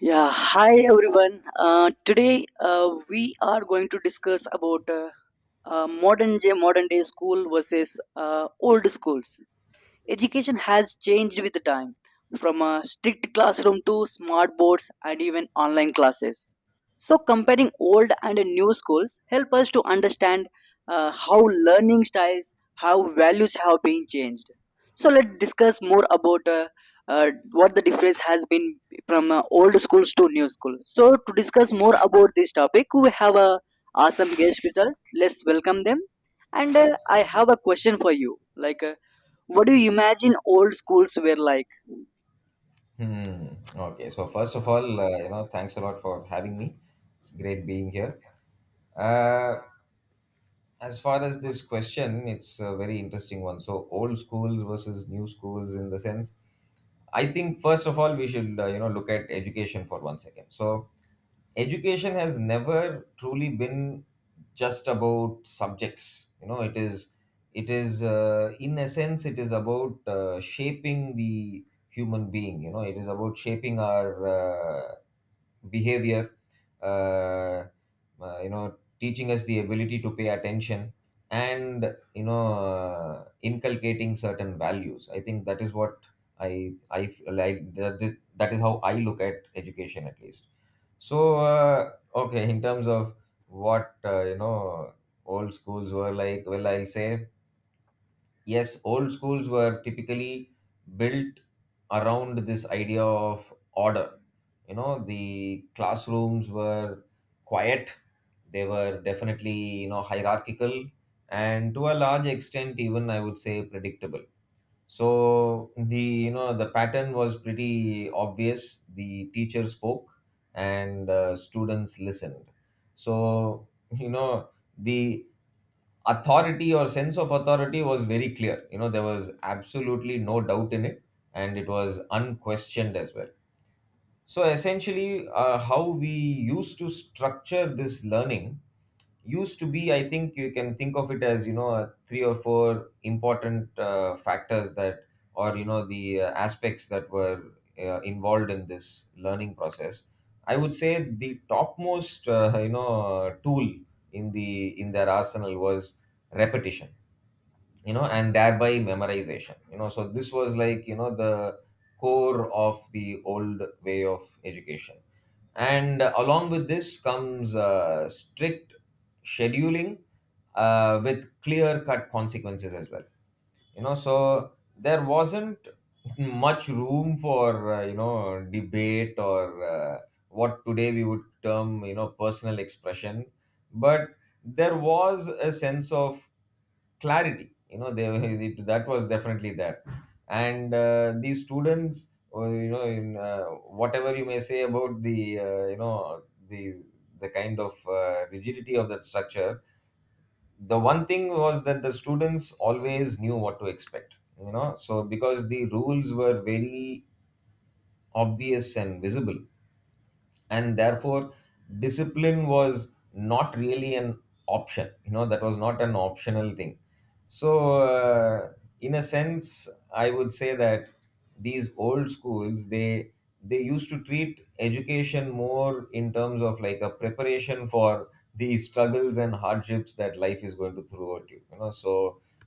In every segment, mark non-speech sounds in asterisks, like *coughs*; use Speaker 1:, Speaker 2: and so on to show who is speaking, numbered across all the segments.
Speaker 1: Yeah, hi everyone. Today we are going to discuss about modern day school versus old schools. Education has changed with the time, from a strict classroom to smart boards and even online classes. So, comparing old and new schools help us to understand how learning styles, how values have been changed. So, let's discuss more about what the difference has been from old schools to new schools. So, to discuss more about this topic, we have a awesome guest with us. Let's welcome them. And I have a question for you. Like, what do you imagine old schools were like?
Speaker 2: Hmm. Okay. So first of all, thanks a lot for having me. It's great being here. Uh, as far as this question, it's a very interesting one. So old schools versus new schools, in the sense, I think first of all we should look at education for one second. So education has never truly been just about subjects. It is, in essence it is about shaping the human being. It is about shaping our behavior, uh, teaching us the ability to pay attention. And inculcating certain values. I think that is what I feel like that is how I look at education, at least. So okay, in terms of what old schools were like, well, I'll say yes, old schools were typically built around this idea of order. The classrooms were quiet. They were definitely, hierarchical, and to a large extent even I would say predictable. So the you know the pattern was pretty obvious. The teacher spoke and students listened. So, you know the authority or sense of authority was very clear. You know, there was absolutely no doubt in it, and it was unquestioned as well. So essentially, how we used to structure this learning used to be, I think you can think of it as, three or four important factors that, or, the aspects that were involved in this learning process. I would say the topmost, tool in their arsenal was repetition, and thereby memorization. So this was like, the core of the old way of education. And along with this comes strict scheduling, with clear cut consequences as well. So there wasn't *laughs* much room for debate or uh, what today we would term, personal expression. But there was a sense of clarity you know they That was definitely there. And these students, or, you know in whatever you may say about the, the kind of rigidity of that structure, the one thing was that the students always knew what to expect. So because the rules were very obvious and visible, and therefore discipline was not really an option. That was not an optional thing. So in a sense, I would say that these old schools, they used to treat education more in terms of like a preparation for the struggles and hardships that life is going to throw at you you know So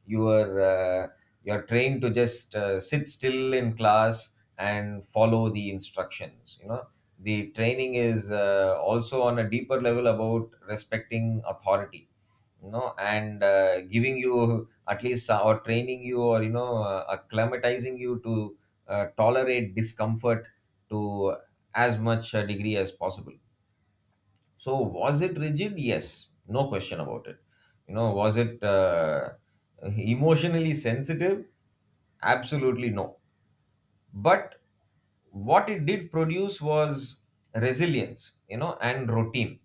Speaker 2: you are uh, you're trained to just sit still in class and follow the instructions. The training is also on a deeper level about respecting authority. You know and Giving you, at least, or training you, or acclimatizing you to tolerate discomfort to as much a degree as possible. So was it rigid? Yes, no question about it. Was it *laughs* emotionally sensitive? Absolutely no. But what it did produce was resilience, and routine.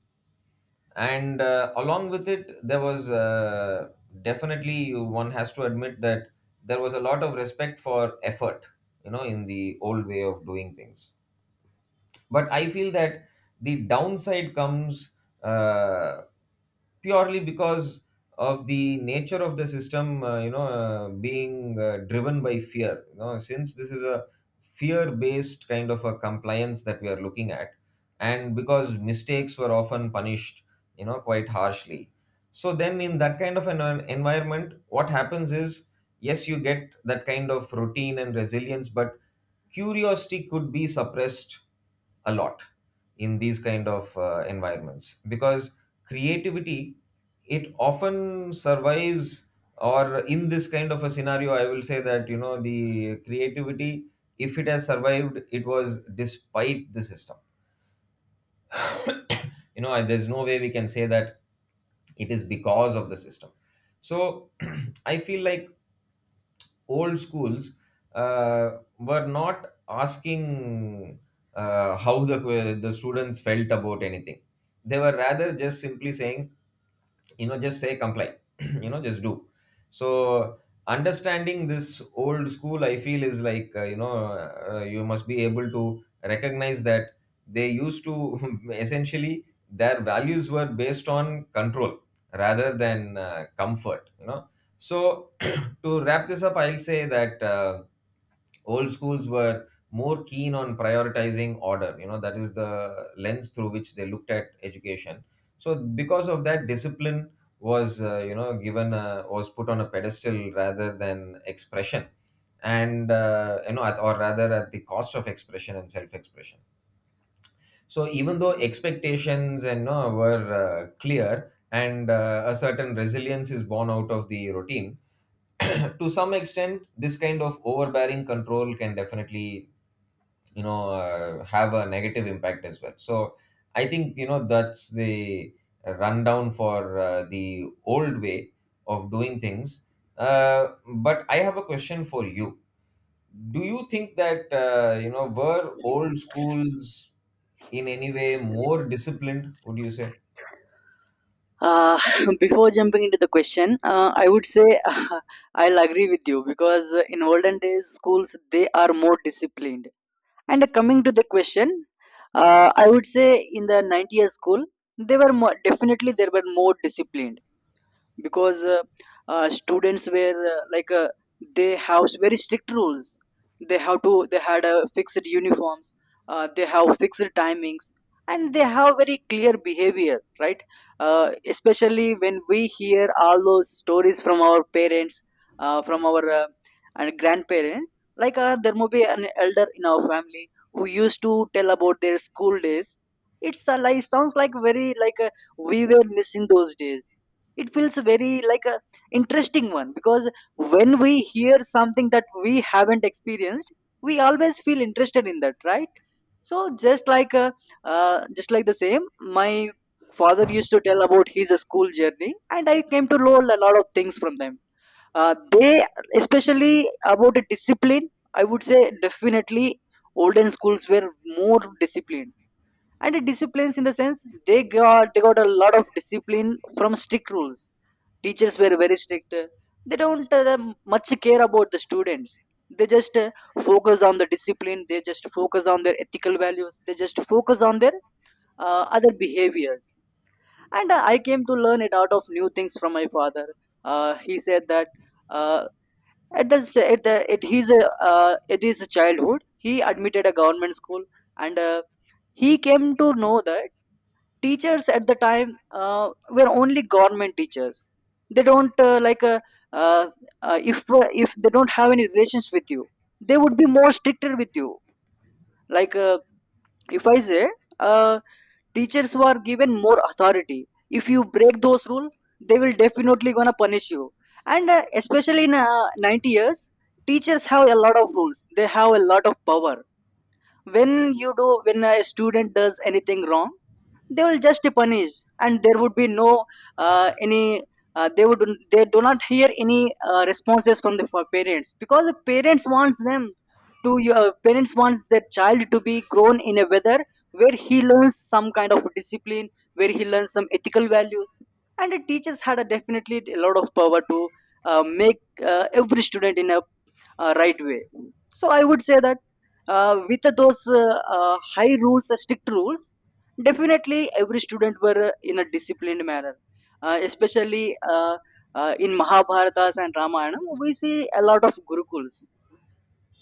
Speaker 2: And along with it there was definitely, one has to admit, that there was a lot of respect for effort, in the old way of doing things. But I feel that the downside comes uh, purely because of the nature of the system, being driven by fear. Since this is a fear based kind of a compliance that we are looking at, and because mistakes were often punished, quite harshly. So then in that kind of an environment, what happens is yes, you get that kind of routine and resilience, but curiosity could be suppressed a lot in these kind of environments, because creativity, it often survives, or in this kind of a scenario, I will say that, the creativity, if it has survived, it was despite the system. *coughs* And there's no way we can say that it is because of the system. So *clears throat* I feel like old schools were not asking how the students felt about anything. They were rather just simply saying, just say comply. *clears throat* Just do. So understanding this old school, I feel is like uh, you must be able to recognize that they used to *laughs* essentially, their values were based on control rather than comfort. So *clears throat* to wrap this up, I'll say that old schools were more keen on prioritizing order. That is the lens through which they looked at education. So because of that, discipline was you know given was put on a pedestal rather than expression. And at, or rather at the cost of expression and self expression. So even though expectations and no were clear, and a certain resilience is born out of the routine, *clears throat* to some extent this kind of overbearing control can definitely have a negative impact as well. So I think, that's the rundown for the old way of doing things. uh, but I have a question for you. Do you think that were old schools in any way more disciplined, would you say?
Speaker 1: Uh, *laughs* Before jumping into the question, I would say *laughs* I'll agree with you because in olden days schools they are more disciplined. And coming to the question, I would say in the 90s school they were more, definitely they were more disciplined. Because students were they have very strict rules. They have to they had fixed uniforms. They have fixed timings and they have very clear behavior, right? Especially when we hear all those stories from our parents, from our and grandparents, like, there may be an elder in our family who used to tell about their school days. It's like sounds like very like we were missing those days. It feels very like a interesting one because when we hear something that we haven't experienced, we always feel interested in that, right? So just like the same, my father used to tell about his school journey and I came to learn a lot of things from them. They Especially about the discipline, I would say definitely olden schools were more disciplined. And disciplines in the sense, they got a lot of discipline from strict rules. Teachers were very strict. They don't much care about the students. They just focus on the discipline, they just focus on their ethical values, they just focus on their other behaviors. And I came to learn it out of new things from my father. He said that uh, at the s- at the at his childhood he admitted a government school. And he came to know that teachers at the time were only government teachers. They don't uh, if they don't have any relations with you, they would be more stricter with you. Like, if I say uh, teachers were given more authority. If you break those rules, they will definitely gonna punish you. And especially in 90 years, teachers have a lot of rules. They have a lot of power. When a student does anything wrong, they will just punish and there would be no any they would they do not hear any responses from the parents, because the parents wants them to your parents wants their child to be grown in a weather where he learns some kind of discipline, where he learns some ethical values. And the teachers had a definitely a lot of power to make every student in a right way. So I would say that with those high rules, strict rules, definitely every student were in a disciplined manner. Especially in Mahabharatas and Ramayana, we see a lot of gurukuls.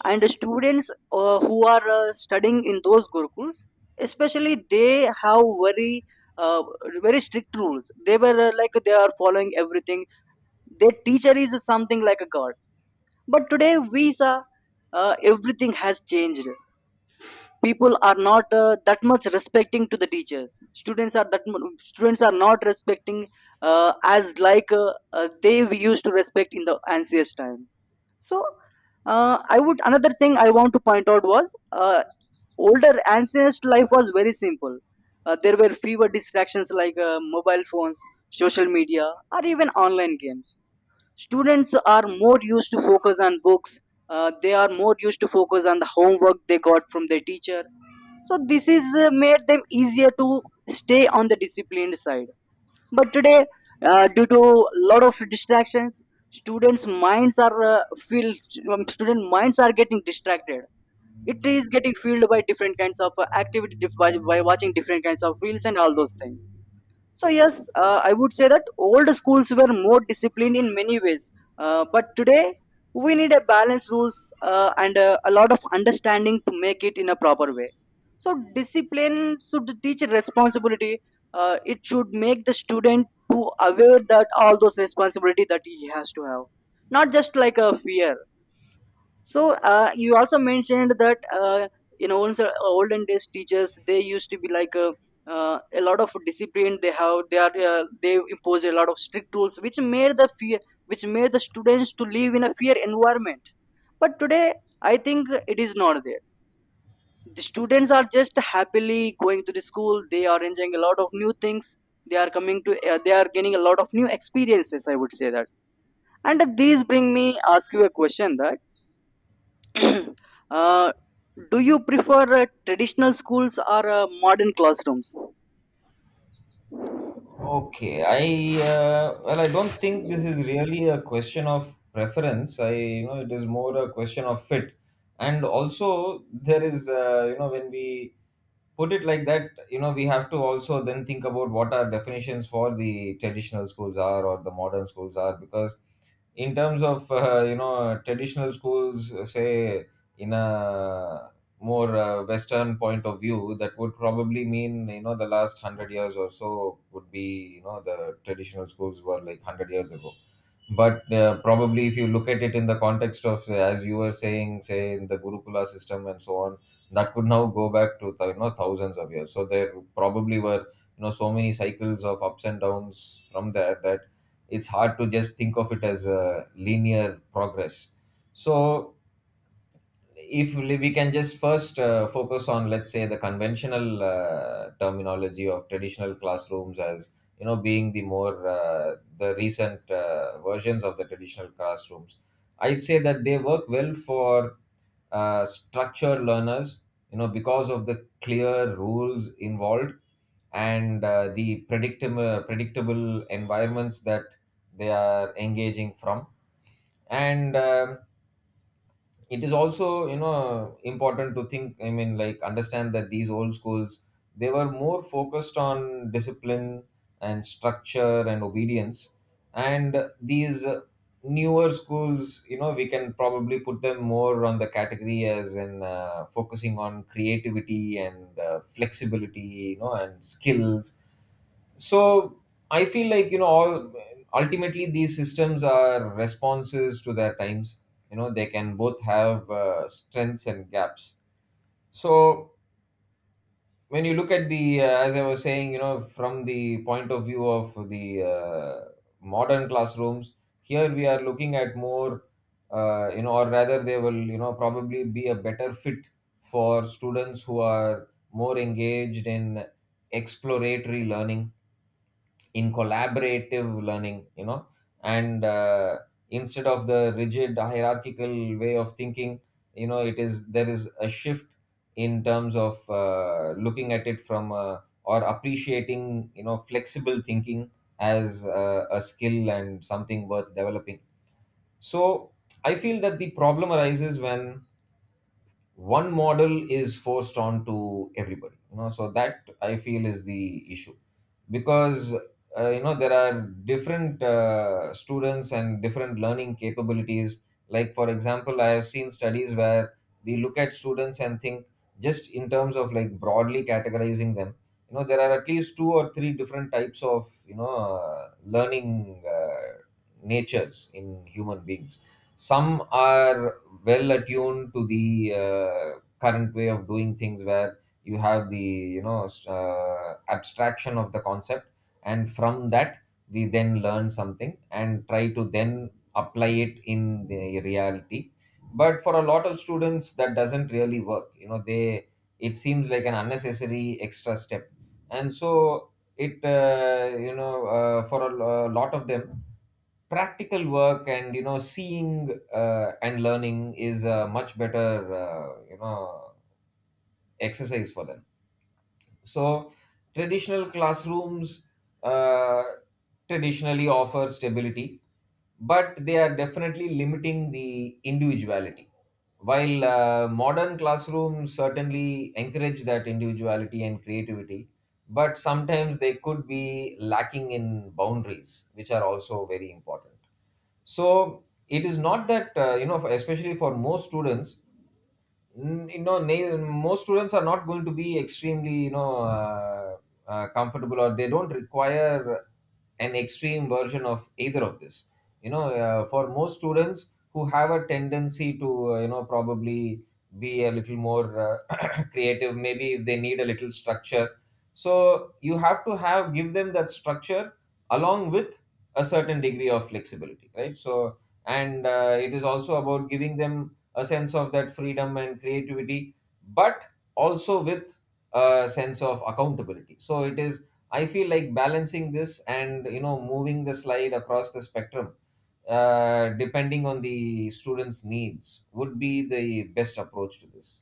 Speaker 1: And students who are studying in those gurukuls, especially they have very uh, very strict rules. They were they are following everything. Their teacher is something like a god. But today we saw everything has changed. People are not that much respecting to the teachers. Students are students are not respecting as like they we used to respect in the ancient time. So I would another thing I want to point out was older ancient life was very simple. There were fewer distractions like mobile phones, social media, or even online games. Students are more used to focus on books. They are more used to focus on the homework they got from their teacher. So this is made them easier to stay on the disciplined side. But today, due to a lot of distractions, students' minds are filled. Student minds are getting distracted. It is getting filled by different kinds of activity, by watching different kinds of reels and all those things. So yes, I would say that old schools were more disciplined in many ways, but today we need a balanced rules and a lot of understanding to make it in a proper way. So discipline should teach responsibility. It should make the student to aware that all those responsibility that he has to have, not just like a fear. So you also mentioned that in old, olden days teachers they used to be like a lot of discipline they have, they impose a lot of strict rules which made the fear, which made the students to live in a fear environment. But today I think it is not there. The students are just happily going to the school. They are enjoying a lot of new things. They are coming to they are gaining a lot of new experiences, I would say that. And these bring me ask you a question that *clears throat* uh, do you prefer traditional schools or modern classrooms?
Speaker 2: Okay, I well, I don't think this is really a question of preference. I, it is more a question of fit, and also there is you know, when we put it like that, we have to also then think about what our definitions for the traditional schools are or the modern schools are. Because in terms of traditional schools, say in a more western point of view, that would probably mean, the last 100 years or so would be, the traditional schools were like 100 years ago. But probably if you look at it in the context of, as you were saying, say in the gurukula system and so on, that could now go back to you know, thousands of years. So there probably were, you know, so many cycles of ups and downs from there that it's hard to just think of it as a linear progress. So if we can just first focus on, let's say, the conventional terminology of traditional classrooms as, being the more the recent versions of the traditional classrooms, I'd say that they work well for structured learners, because of the clear rules involved, and the predictable environments that they are engaging from. And it is also, important to think, I mean, like, understand that these old schools, they were more focused on discipline and structure and obedience. And these newer schools, we can probably put them more on the category as in focusing on creativity and flexibility, and skills. So I feel like, you know all ultimately these systems are responses to their times. They can both have strengths and gaps. So when you look at the, as I was saying, from the point of view of the modern classrooms, here we are looking at more, or rather they will, probably be a better fit for students who are more engaged in exploratory learning, in collaborative learning. You know and Instead of the rigid hierarchical way of thinking, you know it is there is a shift in terms of looking at it from, or appreciating, flexible thinking as a skill and something worth developing. So I feel that the problem arises when one model is forced on to everybody. So that I feel is the issue. Because there are different students and different learning capabilities. Like for example, I have seen studies where we look at students and think just in terms of like broadly categorizing them, there are at least two or three different types of, learning natures in human beings. Some are well attuned to the current way of doing things, where you have the abstraction of the concept, and from that we then learn something and try to then apply it in the reality. But for a lot of students that doesn't really work. You know they It seems like an unnecessary extra step. And so it, for a lot of them, practical work and seeing and learning is a much better uh, you know exercise for them. So traditional classrooms uh, traditionally offer stability, but they are definitely limiting the individuality. While modern classrooms certainly encourage that individuality and creativity, but sometimes they could be lacking in boundaries, which are also very important. So it is not that for, especially for most students, most students are not going to be extremely comfortable, or they don't require an extreme version of either of this. For most students who have a tendency to probably be a little more *coughs* *clears throat* creative, maybe if they need a little structure, so you have to have give them that structure along with a certain degree of flexibility, right? So and uh, it is also about giving them a sense of that freedom and creativity, but also with a sense of accountability. So it is, I feel like balancing this and moving the slide across the spectrum, depending on the student's needs, would be the best approach to this,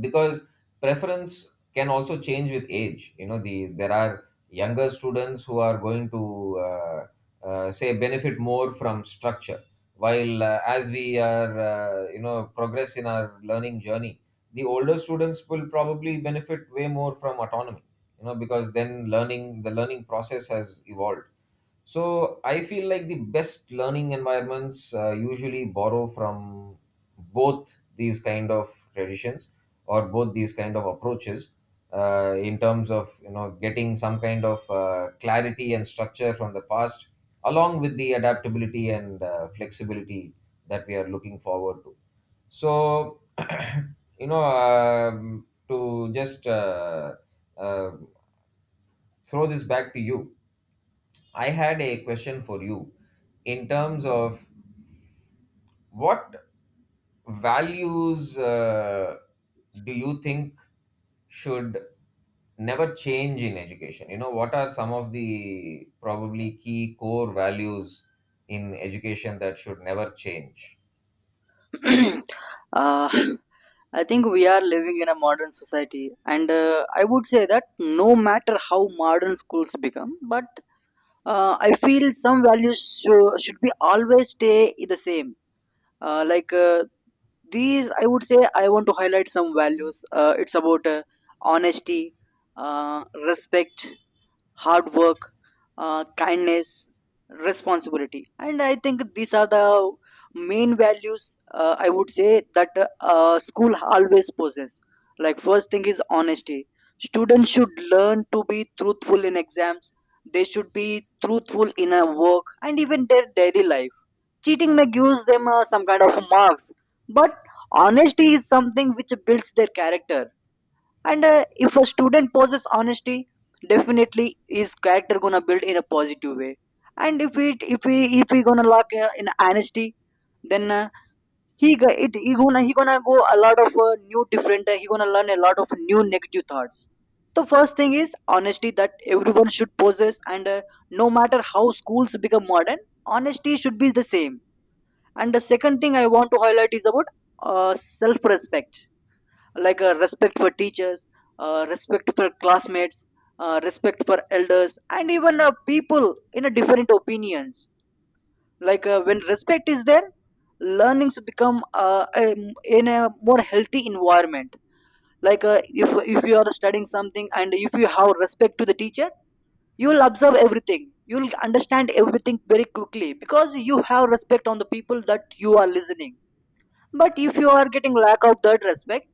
Speaker 2: because preference can also change with age. There are younger students who are going to say benefit more from structure, while as we are progress in our learning journey, the older students will probably benefit way more from autonomy, you know because then learning process has evolved. So I feel like the best learning environments usually borrow from both these kind of traditions, or both these kind of approaches, in terms of getting some kind of clarity and structure from the past, along with the adaptability and flexibility that we are looking forward to. So *clears throat* you know to just uh, throw this back to you, I had a question for you in terms of what values do you think should never change in education? You know, what are some of the probably key core values in education that should never change?
Speaker 1: *clears throat* uh, I think we are living in a modern society, and I would say that no matter how modern schools become, but I feel some values should be always stay the same. Like, these, I would say I want to highlight some values. It's about honesty, respect, hard work, kindness, responsibility. And I think these are the main values I would say that school always possess. Like first thing is honesty. Students should learn to be truthful in exams. They should be truthful in a work and even their daily life. Cheating may give them some kind of marks, but honesty is something which builds their character. And if a student possesses honesty, definitely his character gonna build in a positive way. And if we gonna lock in honesty, then he go- it he gonna go a lot of new different. He gonna learn a lot of new negative thoughts. The first thing is honesty that everyone should possess, and no matter how schools become modern, honesty should be the same. And the second thing I want to highlight is about self-respect, like a respect for teachers, respect for classmates, respect for elders, and even people in a different opinions. Like, when respect is there, learnings become in a more healthy environment. Like, if you are studying something and if you have respect to the teacher, you will observe everything. You will understand everything very quickly because you have respect on the people that you are listening. But if you are getting lack of that respect,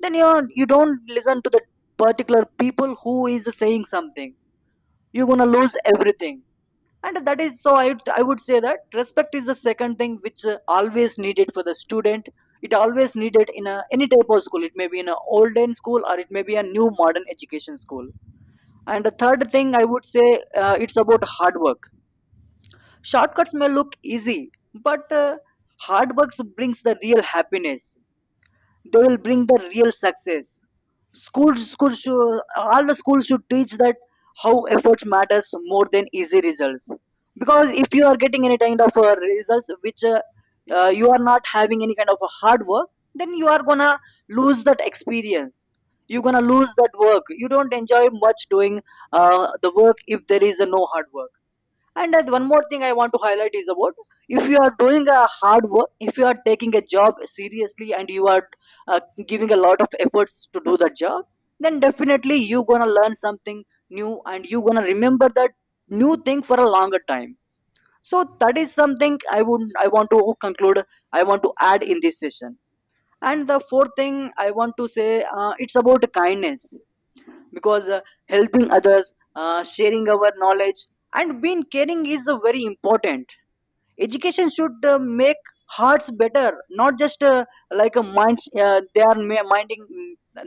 Speaker 1: then you don't listen to the particular people who is saying something, you're gonna lose everything. And that is so I would say that respect is the second thing which always needed for the student. It always needed in a, any type of school, it may be in a olden school or it may be a new modern education school. And the third thing I would say it's about hard work. Shortcuts may look easy, but hard work brings the real happiness, they will bring the real success. All the schools should teach that how efforts matters more than easy results. Because if you are getting any kind of results which you are not having any kind of a hard work, then you are gonna lose that experience, you're gonna lose that work, you don't enjoy much doing the work if there is a no hard work. And one more thing I want to highlight is about, if you are doing a hard work, if you are taking a job seriously and you are uh, giving a lot of efforts to do the job, then definitely you gonna learn something new and you gonna remember that new thing for a longer time. So that is something I would I want to conclude. I want to add in this session. And the fourth thing I want to say, it's about kindness because helping others, sharing our knowledge and being caring is very important. Education should make hearts better, not just like a mind. They are minding,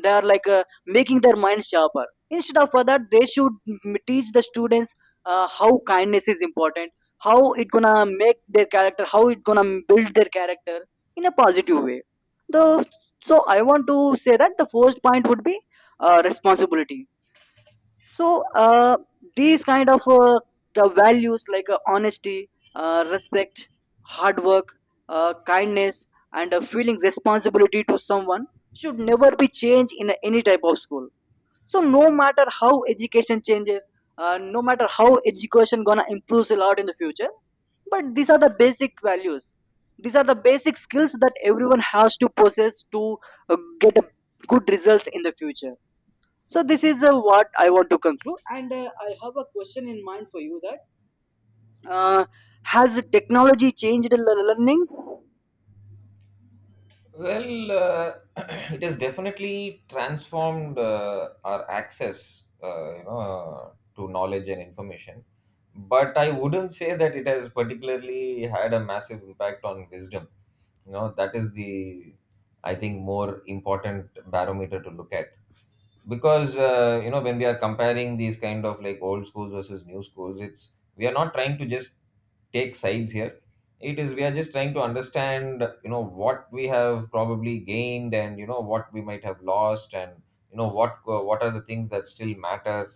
Speaker 1: they are like, making their minds sharper. Instead of for that, they should teach the students how kindness is important, how it gonna make their character, how it gonna build their character in a positive way. The so I want to say that the first point would be responsibility. So, these kind of, the values like, honesty, respect, hard work, kindness, and feeling responsibility to someone should never be changed in any type of school. So no matter how education changes, no matter how education gonna improve a lot in the future, but these are the basic values. These are the basic skills that everyone has to possess to get a good results in the future. So this is what I want to conclude, and I have a question in mind for you that uh, has technology changed learning?
Speaker 2: Well, *clears throat* it has definitely transformed our access, to knowledge and information. But I wouldn't say that it has particularly had a massive impact on wisdom. You know, that is the, I think, more important barometer to look at, because when we are comparing these kind of like old schools versus new schools, it's we are not trying to just take sides here. It is, we are just trying to understand what we have probably gained, and what we might have lost, and what are the things that still matter,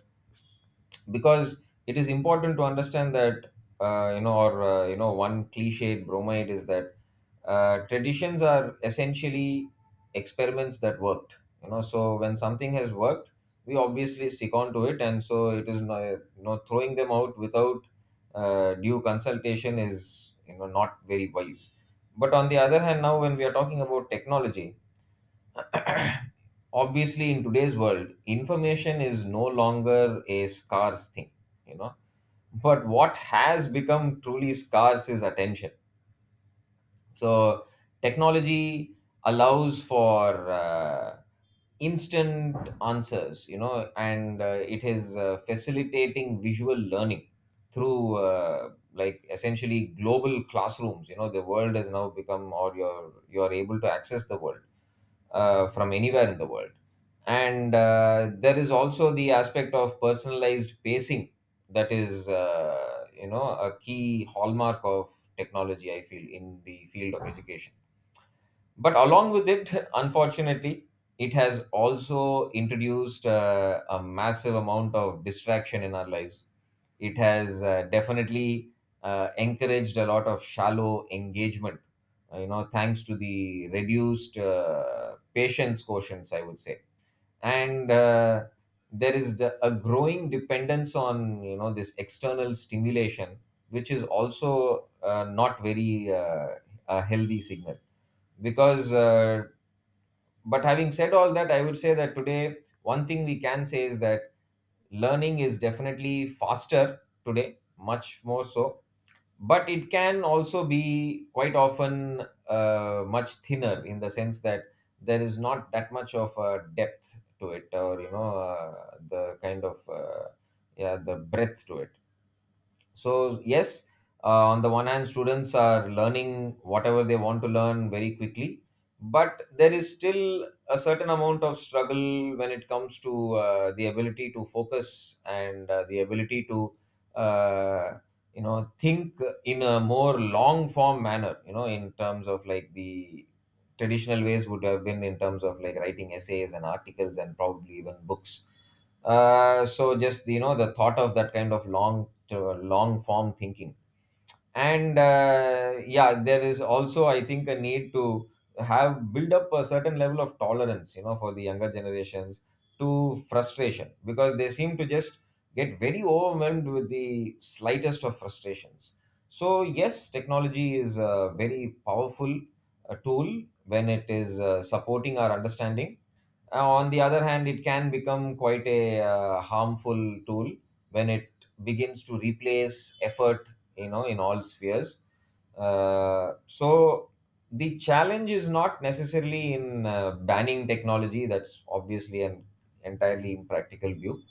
Speaker 2: because it is important to understand that you know or you know one cliched bromide is that traditions are essentially experiments that worked. So when something has worked, we obviously stick on to it, and so it is no, throwing them out without due consultation is not very wise. But on the other hand, now when we are talking about technology, obviously in today's world information is no longer a scarce thing, you know but what has become truly scarce is attention. So technology allows for instant answers, you know, and it is facilitating visual learning through like essentially global classrooms. You know, the world has now become, or you're able to access the world from anywhere in the world. And there is also the aspect of personalized pacing, that is, a key hallmark of technology, I feel, in the field of education. But along with it, unfortunately, it has also introduced a massive amount of distraction in our lives. It has definitely encouraged a lot of shallow engagement, thanks to the reduced patience quotients, I would say. And there is a growing dependence on, you know, this external stimulation, which is also not very a healthy signal. Because uh, but having said all that, I would say that today one thing we can say is that learning is definitely faster today, much more so, but it can also be quite often much thinner, in the sense that there is not that much of a depth to it, or you know the kind of yeah the breadth to it. So, yes, on the one hand, students are learning whatever they want to learn very quickly, but there is still a certain amount of struggle when it comes to the ability to focus, and the ability to, uh, think in a more long form manner, you know, in terms of like the traditional ways would have been, in terms of like writing essays and articles and probably even books. So just the thought of that kind of long long form thinking. And yeah, there is also, I think, a need to have build up a certain level of tolerance, you know, for the younger generations, to frustration, because they seem to just get very overwhelmed with the slightest of frustrations. So yes, technology is a very powerful tool when it is supporting our understanding. On the other hand, it can become quite a harmful tool when it begins to replace effort, you know, in all spheres. So the challenge is not necessarily in banning technology. That's obviously an entirely impractical view.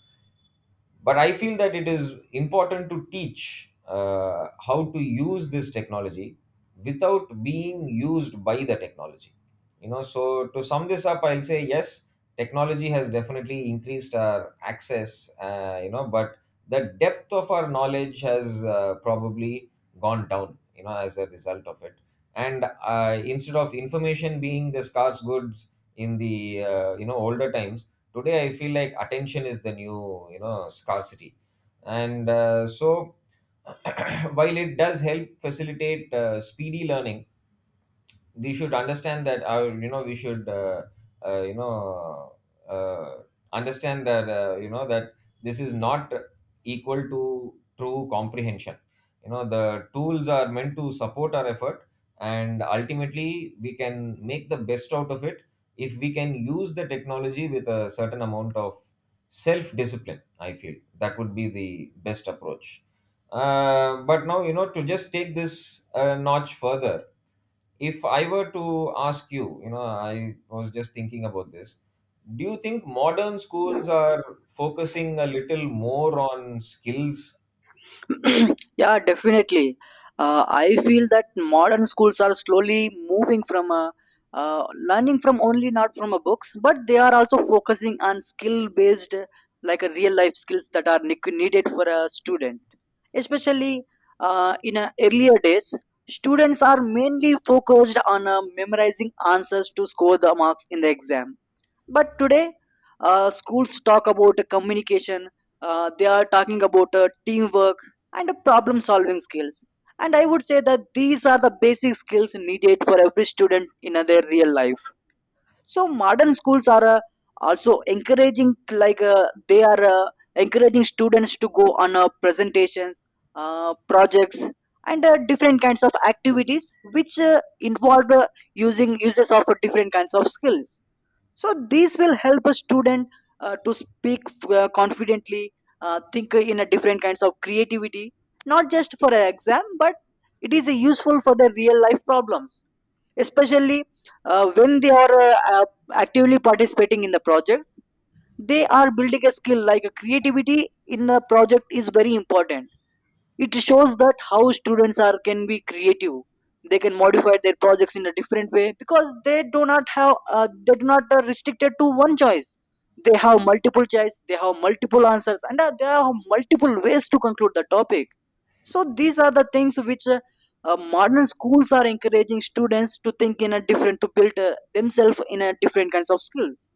Speaker 2: But I feel that it is important to teach how to use this technology without being used by the technology. You know, so to sum this up, I'll say yes, technology has definitely increased our access, but the depth of our knowledge has probably gone down, as a result of it. And instead of information being the scarce goods in the older times, today I feel like attention is the new scarcity. And so *clears throat* while it does help facilitate speedy learning, we should understand that our you know we should you know uh, understand that that this is not equal to true comprehension. You know, the tools are meant to support our effort, and ultimately we can make the best out of it if we can use the technology with a certain amount of self discipline. I feel that would be the best approach. But now, to just take this a notch further, if I were to ask you, you know, I was just thinking about this. Do you think modern schools are focusing a little more on skills?
Speaker 1: *clears throat* Yeah, definitely. I feel that modern schools are slowly moving from, uh, learning from only not from a books, but they are also focusing on skill based, like a real life skills that are needed for a student, especially in earlier days. Students are mainly focused on memorizing answers to score the marks in the exam. But today, schools talk about communication, they are talking about teamwork and problem solving skills. And I would say that these are the basic skills needed for every student in their real life. So modern schools are, also encouraging, like, they are, encouraging students to go on presentations, projects, and different kinds of activities which involve using uses of different kinds of skills. So this will help a student to speak confidently, think in a different kinds of creativity, not just for an exam, but it is useful for the real life problems, especially when they are, uh, actively participating in the projects. They are building a skill, like a creativity in a project is very important. It shows that how students are can be creative. They can modify their projects in a different way because they do not have, they do not are restricted to one choice. They have multiple choice, they have multiple answers, and they have multiple ways to conclude the topic. So these are the things which, modern schools are encouraging students to think in a different, to build themselves in a different kinds of skills.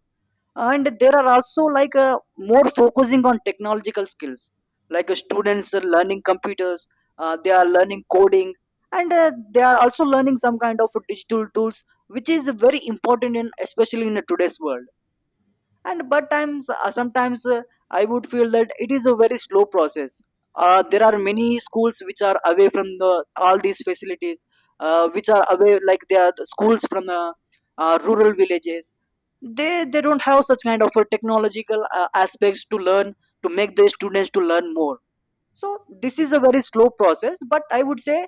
Speaker 1: And there are also like, more focusing on technological skills. Like, students are learning computers, they are learning coding, and they are also learning some kind of digital tools, which is very important, in especially in today's world. And but times, sometimes, I would feel that it is a very slow process. There are many schools which are away from the all these facilities, which are away, like they are the schools from the rural villages. They don't have such kind of technological aspects to learn, to make the students to learn more. So this is a very slow process, but I would say,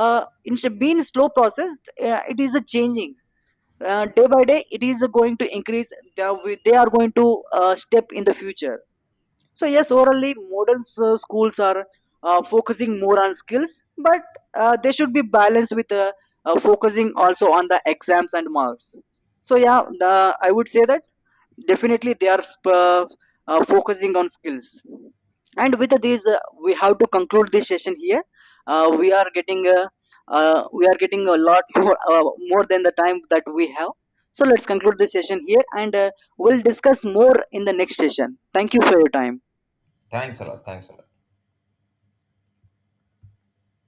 Speaker 1: uh, in being slow process, it is a changing, day by day it is going to increase. They are going to step in the future. So yes, orally modern schools are focusing more on skills, but they should be balanced with, focusing also on the exams and marks. So yeah, I would say that definitely they are, focusing on skills. And with this, we have to conclude this session here. We are getting, we are getting a lot *laughs* more, more than the time that we have. So let's conclude this session here, and we'll discuss more in the next session. Thank you for your time.
Speaker 2: Thanks a lot. Thanks a lot.